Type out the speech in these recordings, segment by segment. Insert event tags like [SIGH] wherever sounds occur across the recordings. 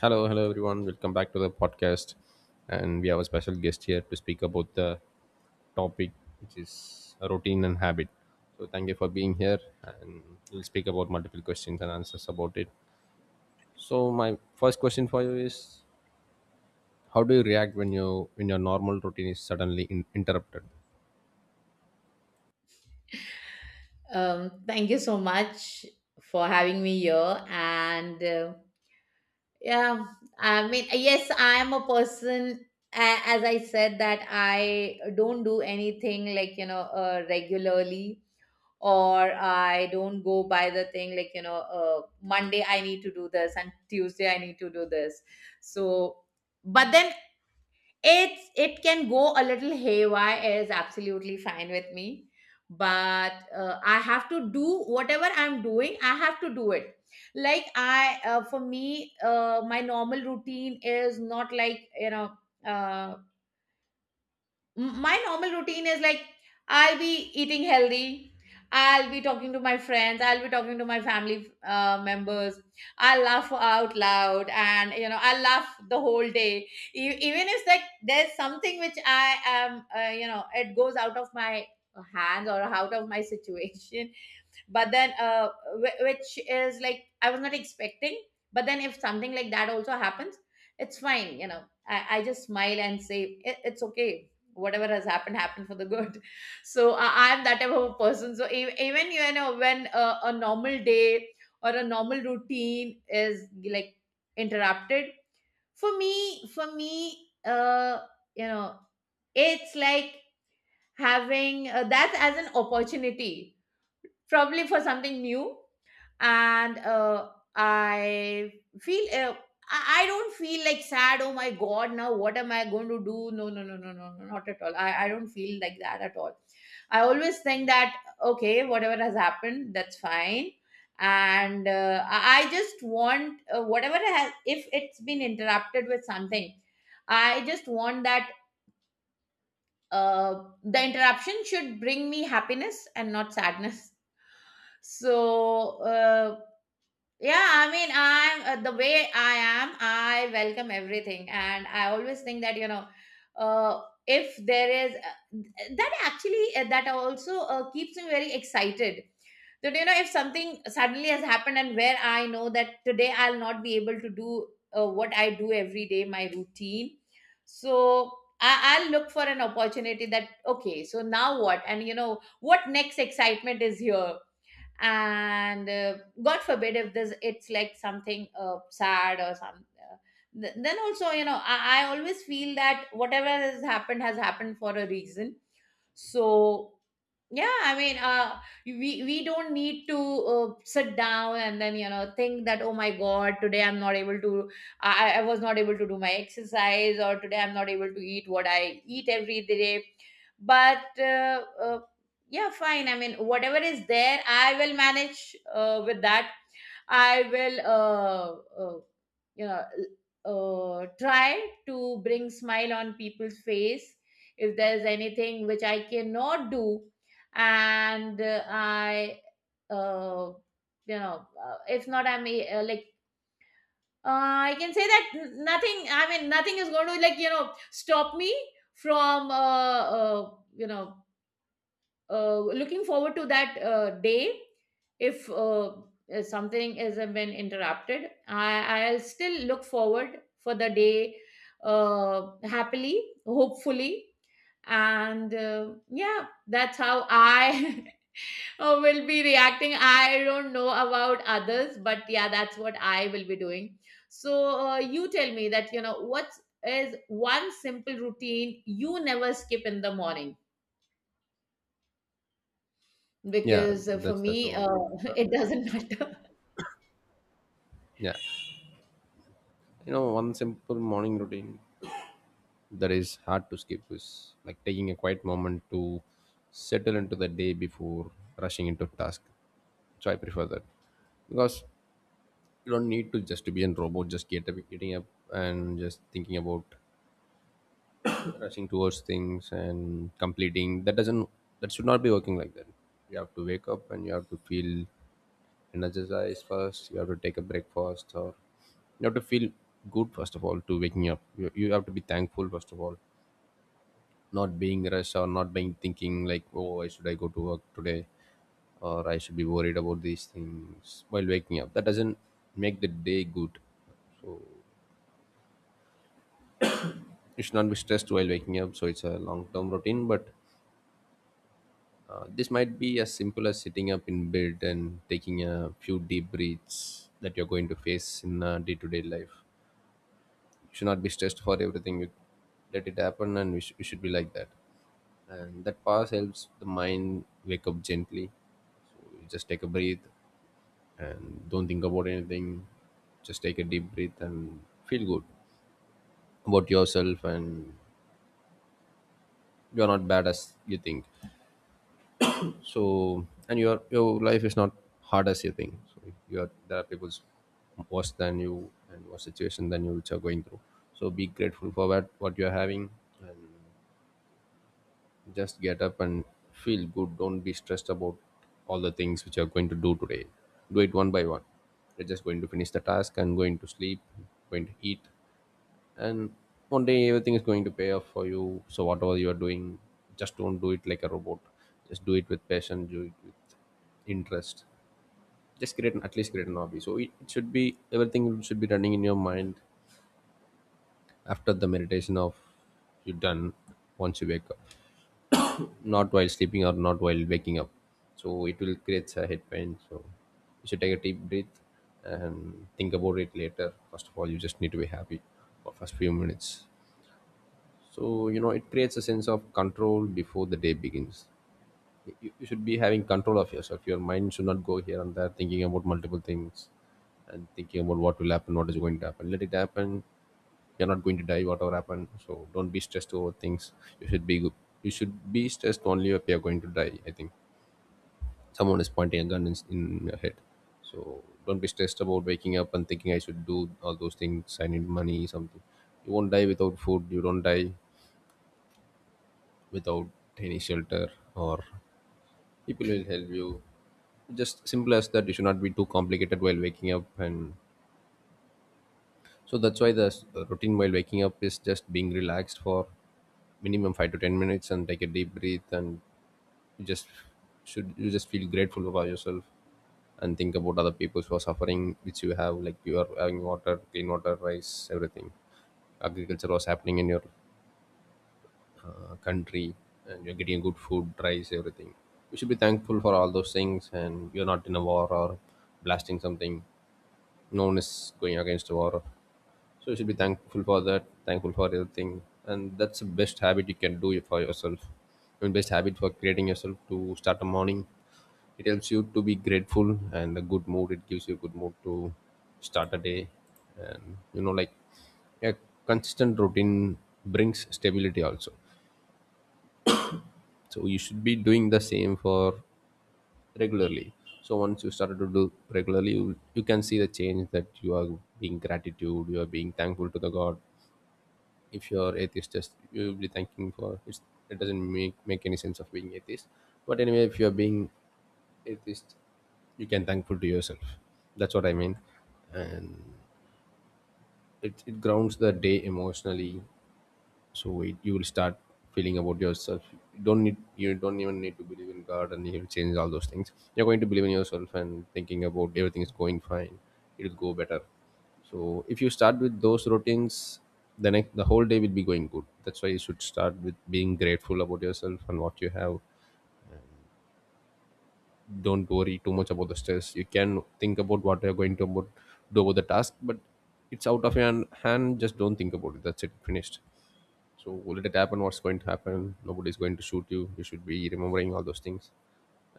Hello, hello everyone. Welcome back to the podcast. And we have a special guest here to speak about the topic, which is routine and habit. So thank you for being here and we'll speak about multiple questions and answers about it. So my first question for you is how do you react when your normal routine is suddenly interrupted? Thank you so much for having me here. Yeah, I mean, yes, I'm a person, as I said, that I don't do anything like, you know, regularly, or I don't go by the thing like, you know, Monday I need to do this and Tuesday I need to do this. So, but then it can go a little haywire is absolutely fine with me but I have to do whatever I'm doing. I have to do it like I for me my normal routine is not like you know uh, my normal routine is like I'll be eating healthy. I'll be talking to my friends. I'll be talking to my family members. I'll laugh out loud, and you know, I'll laugh the whole day. Even if like there's something which I am you know, it goes out of my hands or out of my situation, but then which is like I was not expecting, but then if something like that also happens, it's fine you know. I just smile and say, it's okay. Whatever has happened happened for the good. [LAUGHS] So I'm that type of a person. So even you know, when a normal day or a normal routine is like interrupted, for me, you know, it's like having that as an opportunity, probably for something new. And I feel I don't feel like sad, oh my god, now what am I going to do? No, no, no, no, no, no, not at all. I don't feel like that at all. I always think that okay, whatever has happened, that's fine. And I just want whatever has, if it's been interrupted with something, I just want that uh, the interruption should bring me happiness and not sadness. So, yeah, I mean, I'm the way I am, I welcome everything. And I always think that, you know, uh, if there is that actually, that also keeps me very excited. That, you know, if something suddenly has happened and where I know that today I'll not be able to do what I do every day, my routine. So, I'll look for an opportunity that, okay, so now what? And, you know, what next excitement is here? And god forbid if this it's like something sad or some then also you know, I always feel that whatever has happened for a reason. So yeah, I mean, we don't need to sit down and then you know think that, oh my god, today I'm not able to, I was not able to do my exercise, or today I'm not able to eat what I eat every day. But yeah, fine, I mean, whatever is there, I will manage with that. I will, you know, try to bring smile on people's face if there's anything which I cannot do, and uh, you know, if not, I'm like. Uh, I can say that nothing. I mean, nothing is going to like you know stop me from you know looking forward to that day if something has been interrupted. I'll still look forward for the day, happily, hopefully. And yeah, that's how I [LAUGHS] will be reacting. I don't know about others, but yeah, that's what I will be doing. So you tell me that, you know, what is one simple routine you never skip in the morning, Yeah, because for that's the me, one. [LAUGHS] it doesn't matter. Yeah. You know, one simple morning routine that is hard to skip is like taking a quiet moment to settle into the day before rushing into task. So I prefer that because you don't need to just to be a robot, just getting up and just thinking about rushing towards things and completing that doesn't, that should not be working like that. You have to wake up and you have to feel energized first. You have to take a breakfast, or you have to feel good. First of all, to waking up, you have to be thankful first of all. Not being rushed or not being thinking like, oh, why should I go to work today, or I should be worried about these things while waking up, that doesn't make the day good. You should not be stressed while waking up. So it's a long term routine, but this might be as simple as sitting up in bed and taking a few deep breaths that you're going to face in day to day life. You should not be stressed for everything. You let it happen, and we should be like that. And that pause helps the mind wake up gently. So you just take a breath and don't think about anything. Just take a deep breath and feel good about yourself, and you're not bad as you think. So, and your life is not hard as you think. So you're, there are people worse than you and worse situation than you which are going through. So be grateful for what you're having, and just get up and feel good. Don't be stressed about all the things which you're going to do today. Do it one by one. You're just going to finish the task and going to sleep, going to eat, and one day everything is going to pay off for you. So whatever you are doing, just don't do it like a robot. Just do it with passion, do it with interest. Just at least create an hobby, so it should be, everything should be running in your mind after the meditation of you done, once you wake up, not while sleeping or not while waking up. So it will create a head pain, so you should take a deep breath and think about it later. First of all, you just need to be happy for first few minutes. So, you know, it creates a sense of control before the day begins. You should be having control of yourself. Your mind should not go here and there thinking about multiple things and thinking about what will happen, what is going to happen. Let it happen. You're not going to die, whatever happened. So don't be stressed over things. You should be good. You should be stressed only if you're going to die, I think. Someone is pointing a gun in your head. So don't be stressed about waking up and thinking I should do all those things. I need money, something. You won't die without food. You don't die without any shelter, or people will help you. Just simple as that. You should not be too complicated while waking up. And so that's why the routine while waking up is just being relaxed for minimum 5 to 10 minutes, and take a deep breath, and you just should, you just feel grateful about yourself, and think about other people who are suffering, which you have, like you are having water, clean water, rice, everything. Agriculture was happening in your country, and you're getting good food, rice, everything. You should be thankful for all those things, and you're not in a war or blasting something. No one is going against a war. So you should be thankful for that, thankful for everything. And that's the best habit you can do for yourself. I mean, best habit for creating yourself to start a morning. It helps you to be grateful and a good mood. It gives you a good mood to start a day. And you know, like a consistent routine brings stability also, so you should be doing the same for regularly. So once you started to do regularly, you can see the change that you are being gratitude, you are being thankful to the god. If you're atheist, just you will be thanking for, it doesn't make any sense of being atheist. But anyway, if you're being atheist, you can thankful to yourself, that's what I mean. And it grounds the day emotionally. So you will start feeling about yourself. You don't need, you don't even need to believe in god and he'll change all those things. You're going to believe in yourself and thinking about everything is going fine, it'll go better. So if you start with those routines, the whole day will be going good. That's why you should start with being grateful about yourself and what you have. Don't worry too much about the stress. You can think about what you're do about the task, but it's out of your hand. Just don't think about it, that's it, finished. So will it happen? What's going to happen? Nobody's going to shoot you. You should be remembering all those things.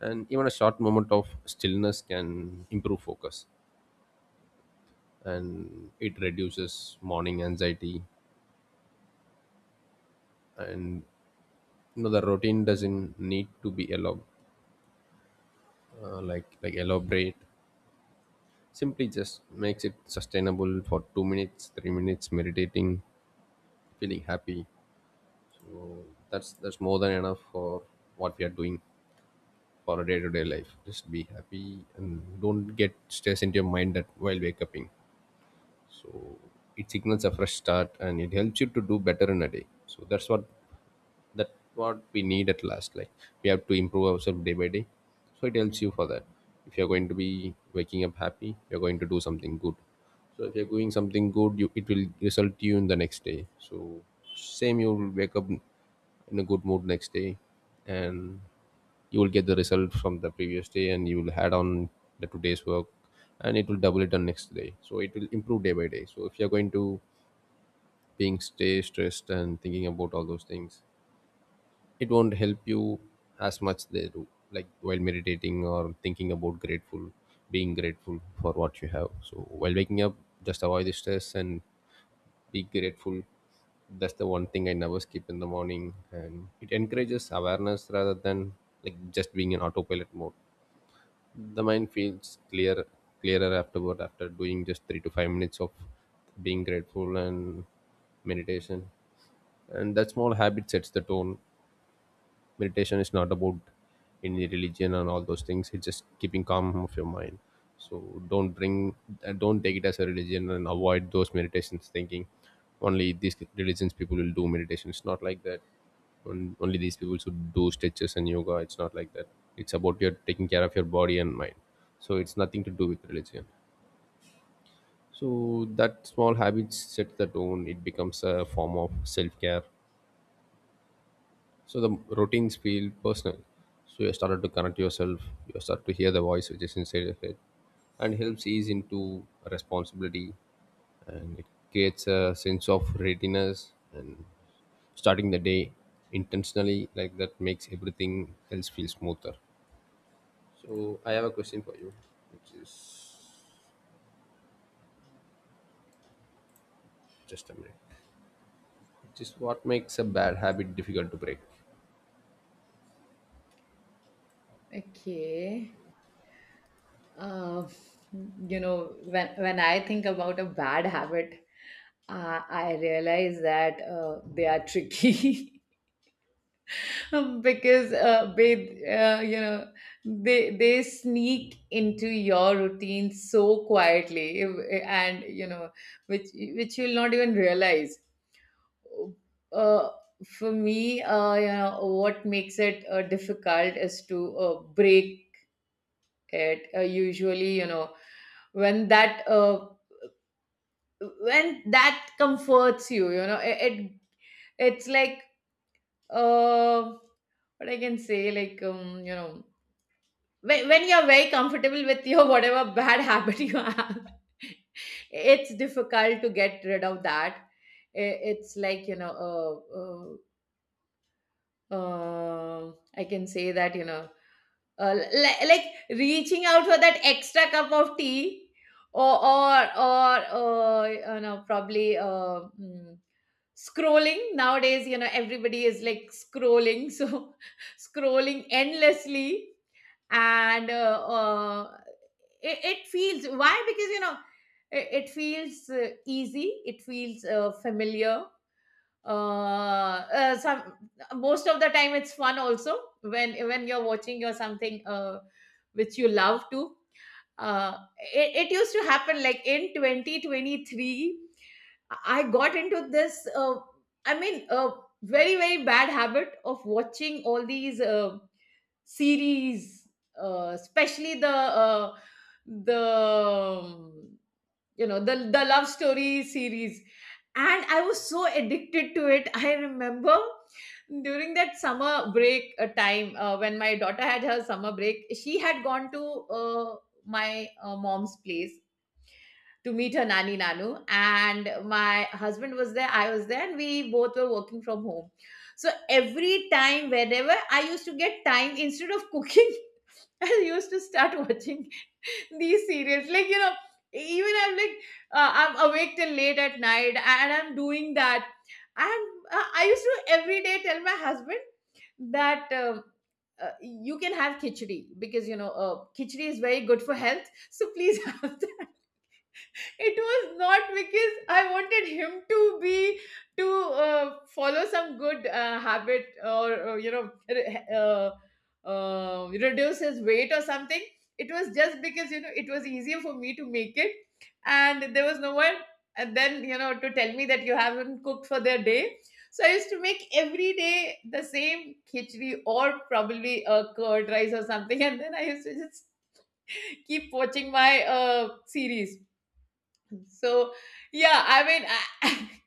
And even a short moment of stillness can improve focus, and it reduces morning anxiety. And you know, the routine doesn't need to be like elaborate. Simply just makes it sustainable for 2 minutes, 3 minutes meditating, feeling happy. That's more than enough for what we are doing. For a day-to-day life, just be happy and don't get stress into your mind that while wake upping. So it signals a fresh start and it helps you to do better in a day. So that's what, that what we need at last, like we have to improve ourselves day by day, so it helps you for that. If you're going to be waking up happy, you're going to do something good. So if you're doing something good, you, it will result you in the next day. So same, you will wake up in a good mood next day, and you will get the result from the previous day and you will add on the today's work, and it will double it on next day, so it will improve day by day. So if you're going to being stay stressed and thinking about all those things, it won't help you as much they do, like while meditating or thinking about grateful, being grateful for what you have. So while waking up, just avoid the stress and be grateful. That's the one thing I never skip in the morning, and it encourages awareness rather than like just being in autopilot mode. The mind feels clear, clearer afterward, after doing just 3 to 5 minutes of being grateful and meditation. And that small habit sets the tone. Meditation is not about any religion and all those things, it's just keeping calm of your mind. So don't bring don't take it as a religion and avoid those meditations thinking only these religions people will do meditation, it's not like that. Only these people should do stretches and yoga, it's not like that. It's about your taking care of your body and mind. So it's nothing to do with religion. So that small habits set the tone, it becomes a form of self-care. So the routines feel personal. So you started to connect yourself. You start to hear the voice which is inside your head, and helps ease into responsibility, and it creates a sense of readiness and starting the day intentionally like that makes everything else feel smoother. So I have a question for you, which is, just a minute. Which is, what makes a bad habit difficult to break? Okay, uh, you know, when I think about a bad habit, I realize that they are tricky [LAUGHS] because they you know, they sneak into your routine so quietly, and you know, which which you'll not even realize. Uh, for me, uh, you know, what makes it difficult is to break it. Usually, you know, when that uh, when that comforts you, you know, it it's like uh, what I can say, like you know, when you're very comfortable with your whatever bad [LAUGHS] habit you have, it's difficult to get rid of that. It's like you know, I can say that you know, uh, li- like reaching out for that extra cup of tea, or or you know, probably scrolling. Nowadays, you know, everybody is like scrolling, so [LAUGHS] scrolling endlessly. And uh, uh, it, it feels, why? Because you know, it feels easy, it feels familiar. Uh, some Most of the time it's fun also, when you're watching or something which you love to. Uh it, it used to happen like in 2023. I got into this i mean uh very very bad habit of watching all these series, especially the the um, you know, the love story series. And I was so addicted to it. [LAUGHS] I remember during that summer break time, when my daughter had her summer break, she had gone to uh, my mom's place to meet her nani nanu, and my husband was there, I was there, and we both were working from home. So every time whenever I used to get time, instead of cooking, [LAUGHS] I used to start watching [LAUGHS] these serials, like, you know, even I'm like, I'm awake till late at night and I'm doing that. And I used to every day tell my husband that you can have khichdi, because you know, khichdi is very good for health, so please [LAUGHS] have that. It was not because I wanted him to be to follow some good habit, or you know, reduce his weight or something. It was just because you know, it was easier for me to make it, and there was no one. And then you know, to tell me that you haven't cooked for their day. So I used to make every day the same khichdi, or probably a curd rice or something, [LAUGHS] and then I used to just keep watching my series. So yeah, I mean, I,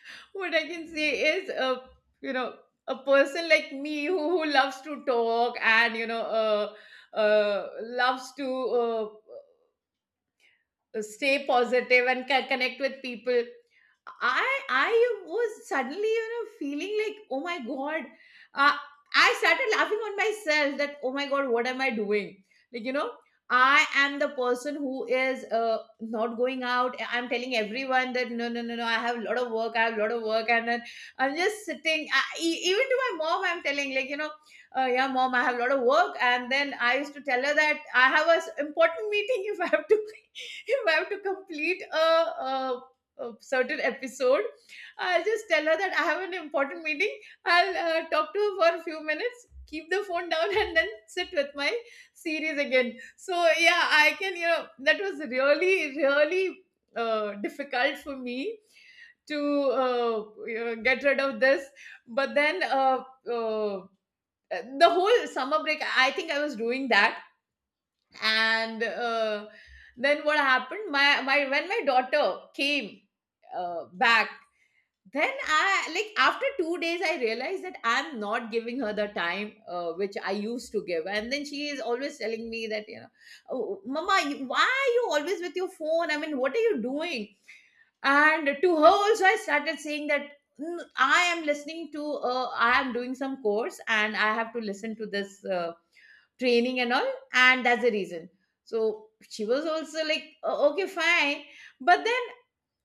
[LAUGHS] what I can say is, you know, a person like me who loves to talk and, you know, loves to stay positive and connect with people. I was suddenly, you know, feeling like, oh my god. Uh, I started laughing on myself that, oh my god, what am I doing? Like, you know, I am the person who is not going out. I'm telling everyone that no, no, no, no, I have a lot of work. I have a lot of work, and then I'm just sitting. I, even to my mom, I'm telling like, you know, yeah, mom, I have a lot of work. And then I used to tell her that I have a important meeting. [LAUGHS] If I have to, [LAUGHS] if I have to complete a certain episode, I'll just tell her that I have an important meeting. I'll talk to her for a few minutes, keep the phone down, and then sit with my series again. So yeah, I can, you know, that was really really difficult for me to you know, get rid of this. But then uh, uh, the whole summer break I think I was doing that. And then what happened, my when my daughter came back, then I like after 2 days I realized that I'm not giving her the time which I used to give. And then she is always telling me that, you know, oh, mama, why are you always with your phone? I mean, what are you doing? And to her also I started saying that, "Mm, I am listening to, I am doing some course and I have to listen to this training and all, and that's the reason." So she was also like, "Oh, okay, fine." But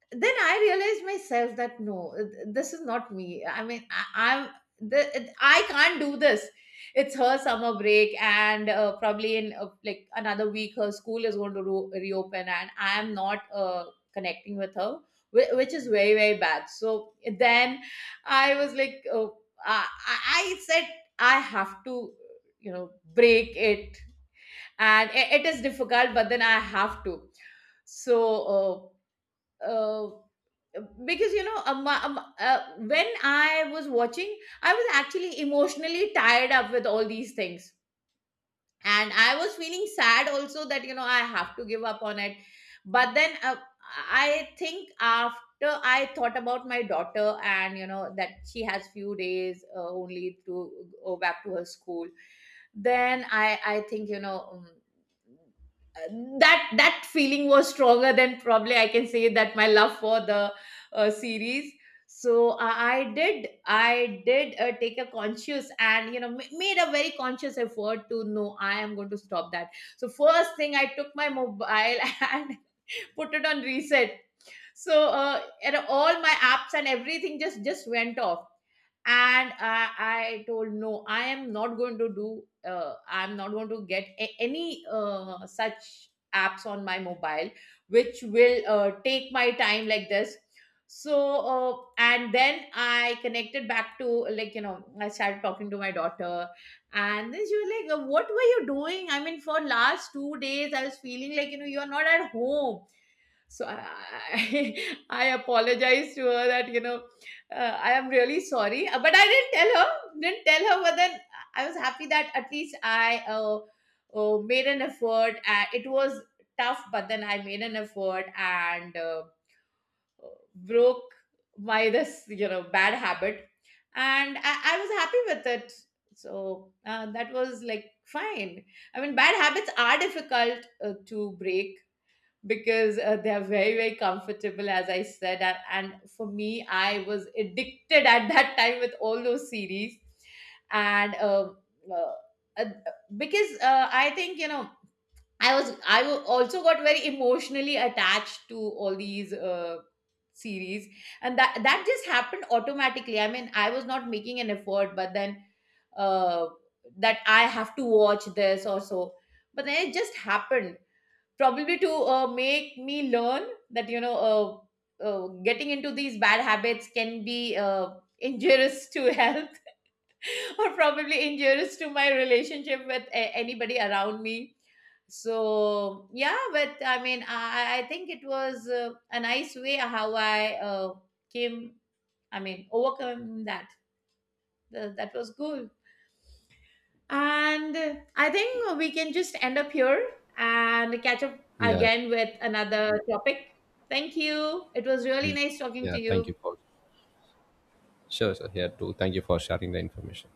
then I realized myself that no, this is not me. I mean, I, I'm the I can't do this. It's her summer break, and probably in like another week, her school is going to reopen, and I am not connecting with her, which is very very bad. So then I was like, I, I I said I have to, you know, break it, and I it is difficult, but then I have to. So uh, uh, because you know when I was watching, I was actually emotionally tied up with all these things, and I was feeling sad also that, you know, I have to give up on it. But then I think after I thought about my daughter and you know that she has few days only to go back to her school, then I think, you know, that that feeling was stronger than probably I can say that my love for the series. So I did take a conscious, and you know, made a very conscious effort to know I am going to stop that. So first thing I took my mobile [LAUGHS] and put it on reset. So and all my apps and everything just went off. And I told no, I am not going to do I'm not going to get any such apps on my mobile which will take my time like this. So and then I connected back to, like, you know, I started talking to my daughter. And then she was like, what were you doing? I mean, for last 2 days I was feeling like, you know, you're not at home." So I, [LAUGHS] I apologized to her that, you know, I am really sorry. But I didn't tell her. Didn't tell her, but then I was happy that at least I made an effort. It was tough, but then I made an effort and broke my [LAUGHS] this you know bad habit, and I was happy with it. So that was like fine. I mean, bad habits are difficult to break, because they're very very comfortable, as I said. And for me, I was addicted at that time with all those series. And uh, uh, because I think, you know, I also got very emotionally attached to all these series. And that that just happened automatically. I mean, I was not making an effort, but then uh, that I have to watch this or so, but then it just happened, probably to make me learn that, you know, getting into these bad habits can be injurious to [LAUGHS] health, or probably injurious to my relationship with anybody around me. So yeah, but I mean, I think it was a nice way how I came I mean overcome that. That was cool. And I think we can just end up here and catch up Yeah, again with another topic. Thank you. It was really nice talking yeah. to Thank you you. for sure, sir. Here too. Thank you for sharing the information.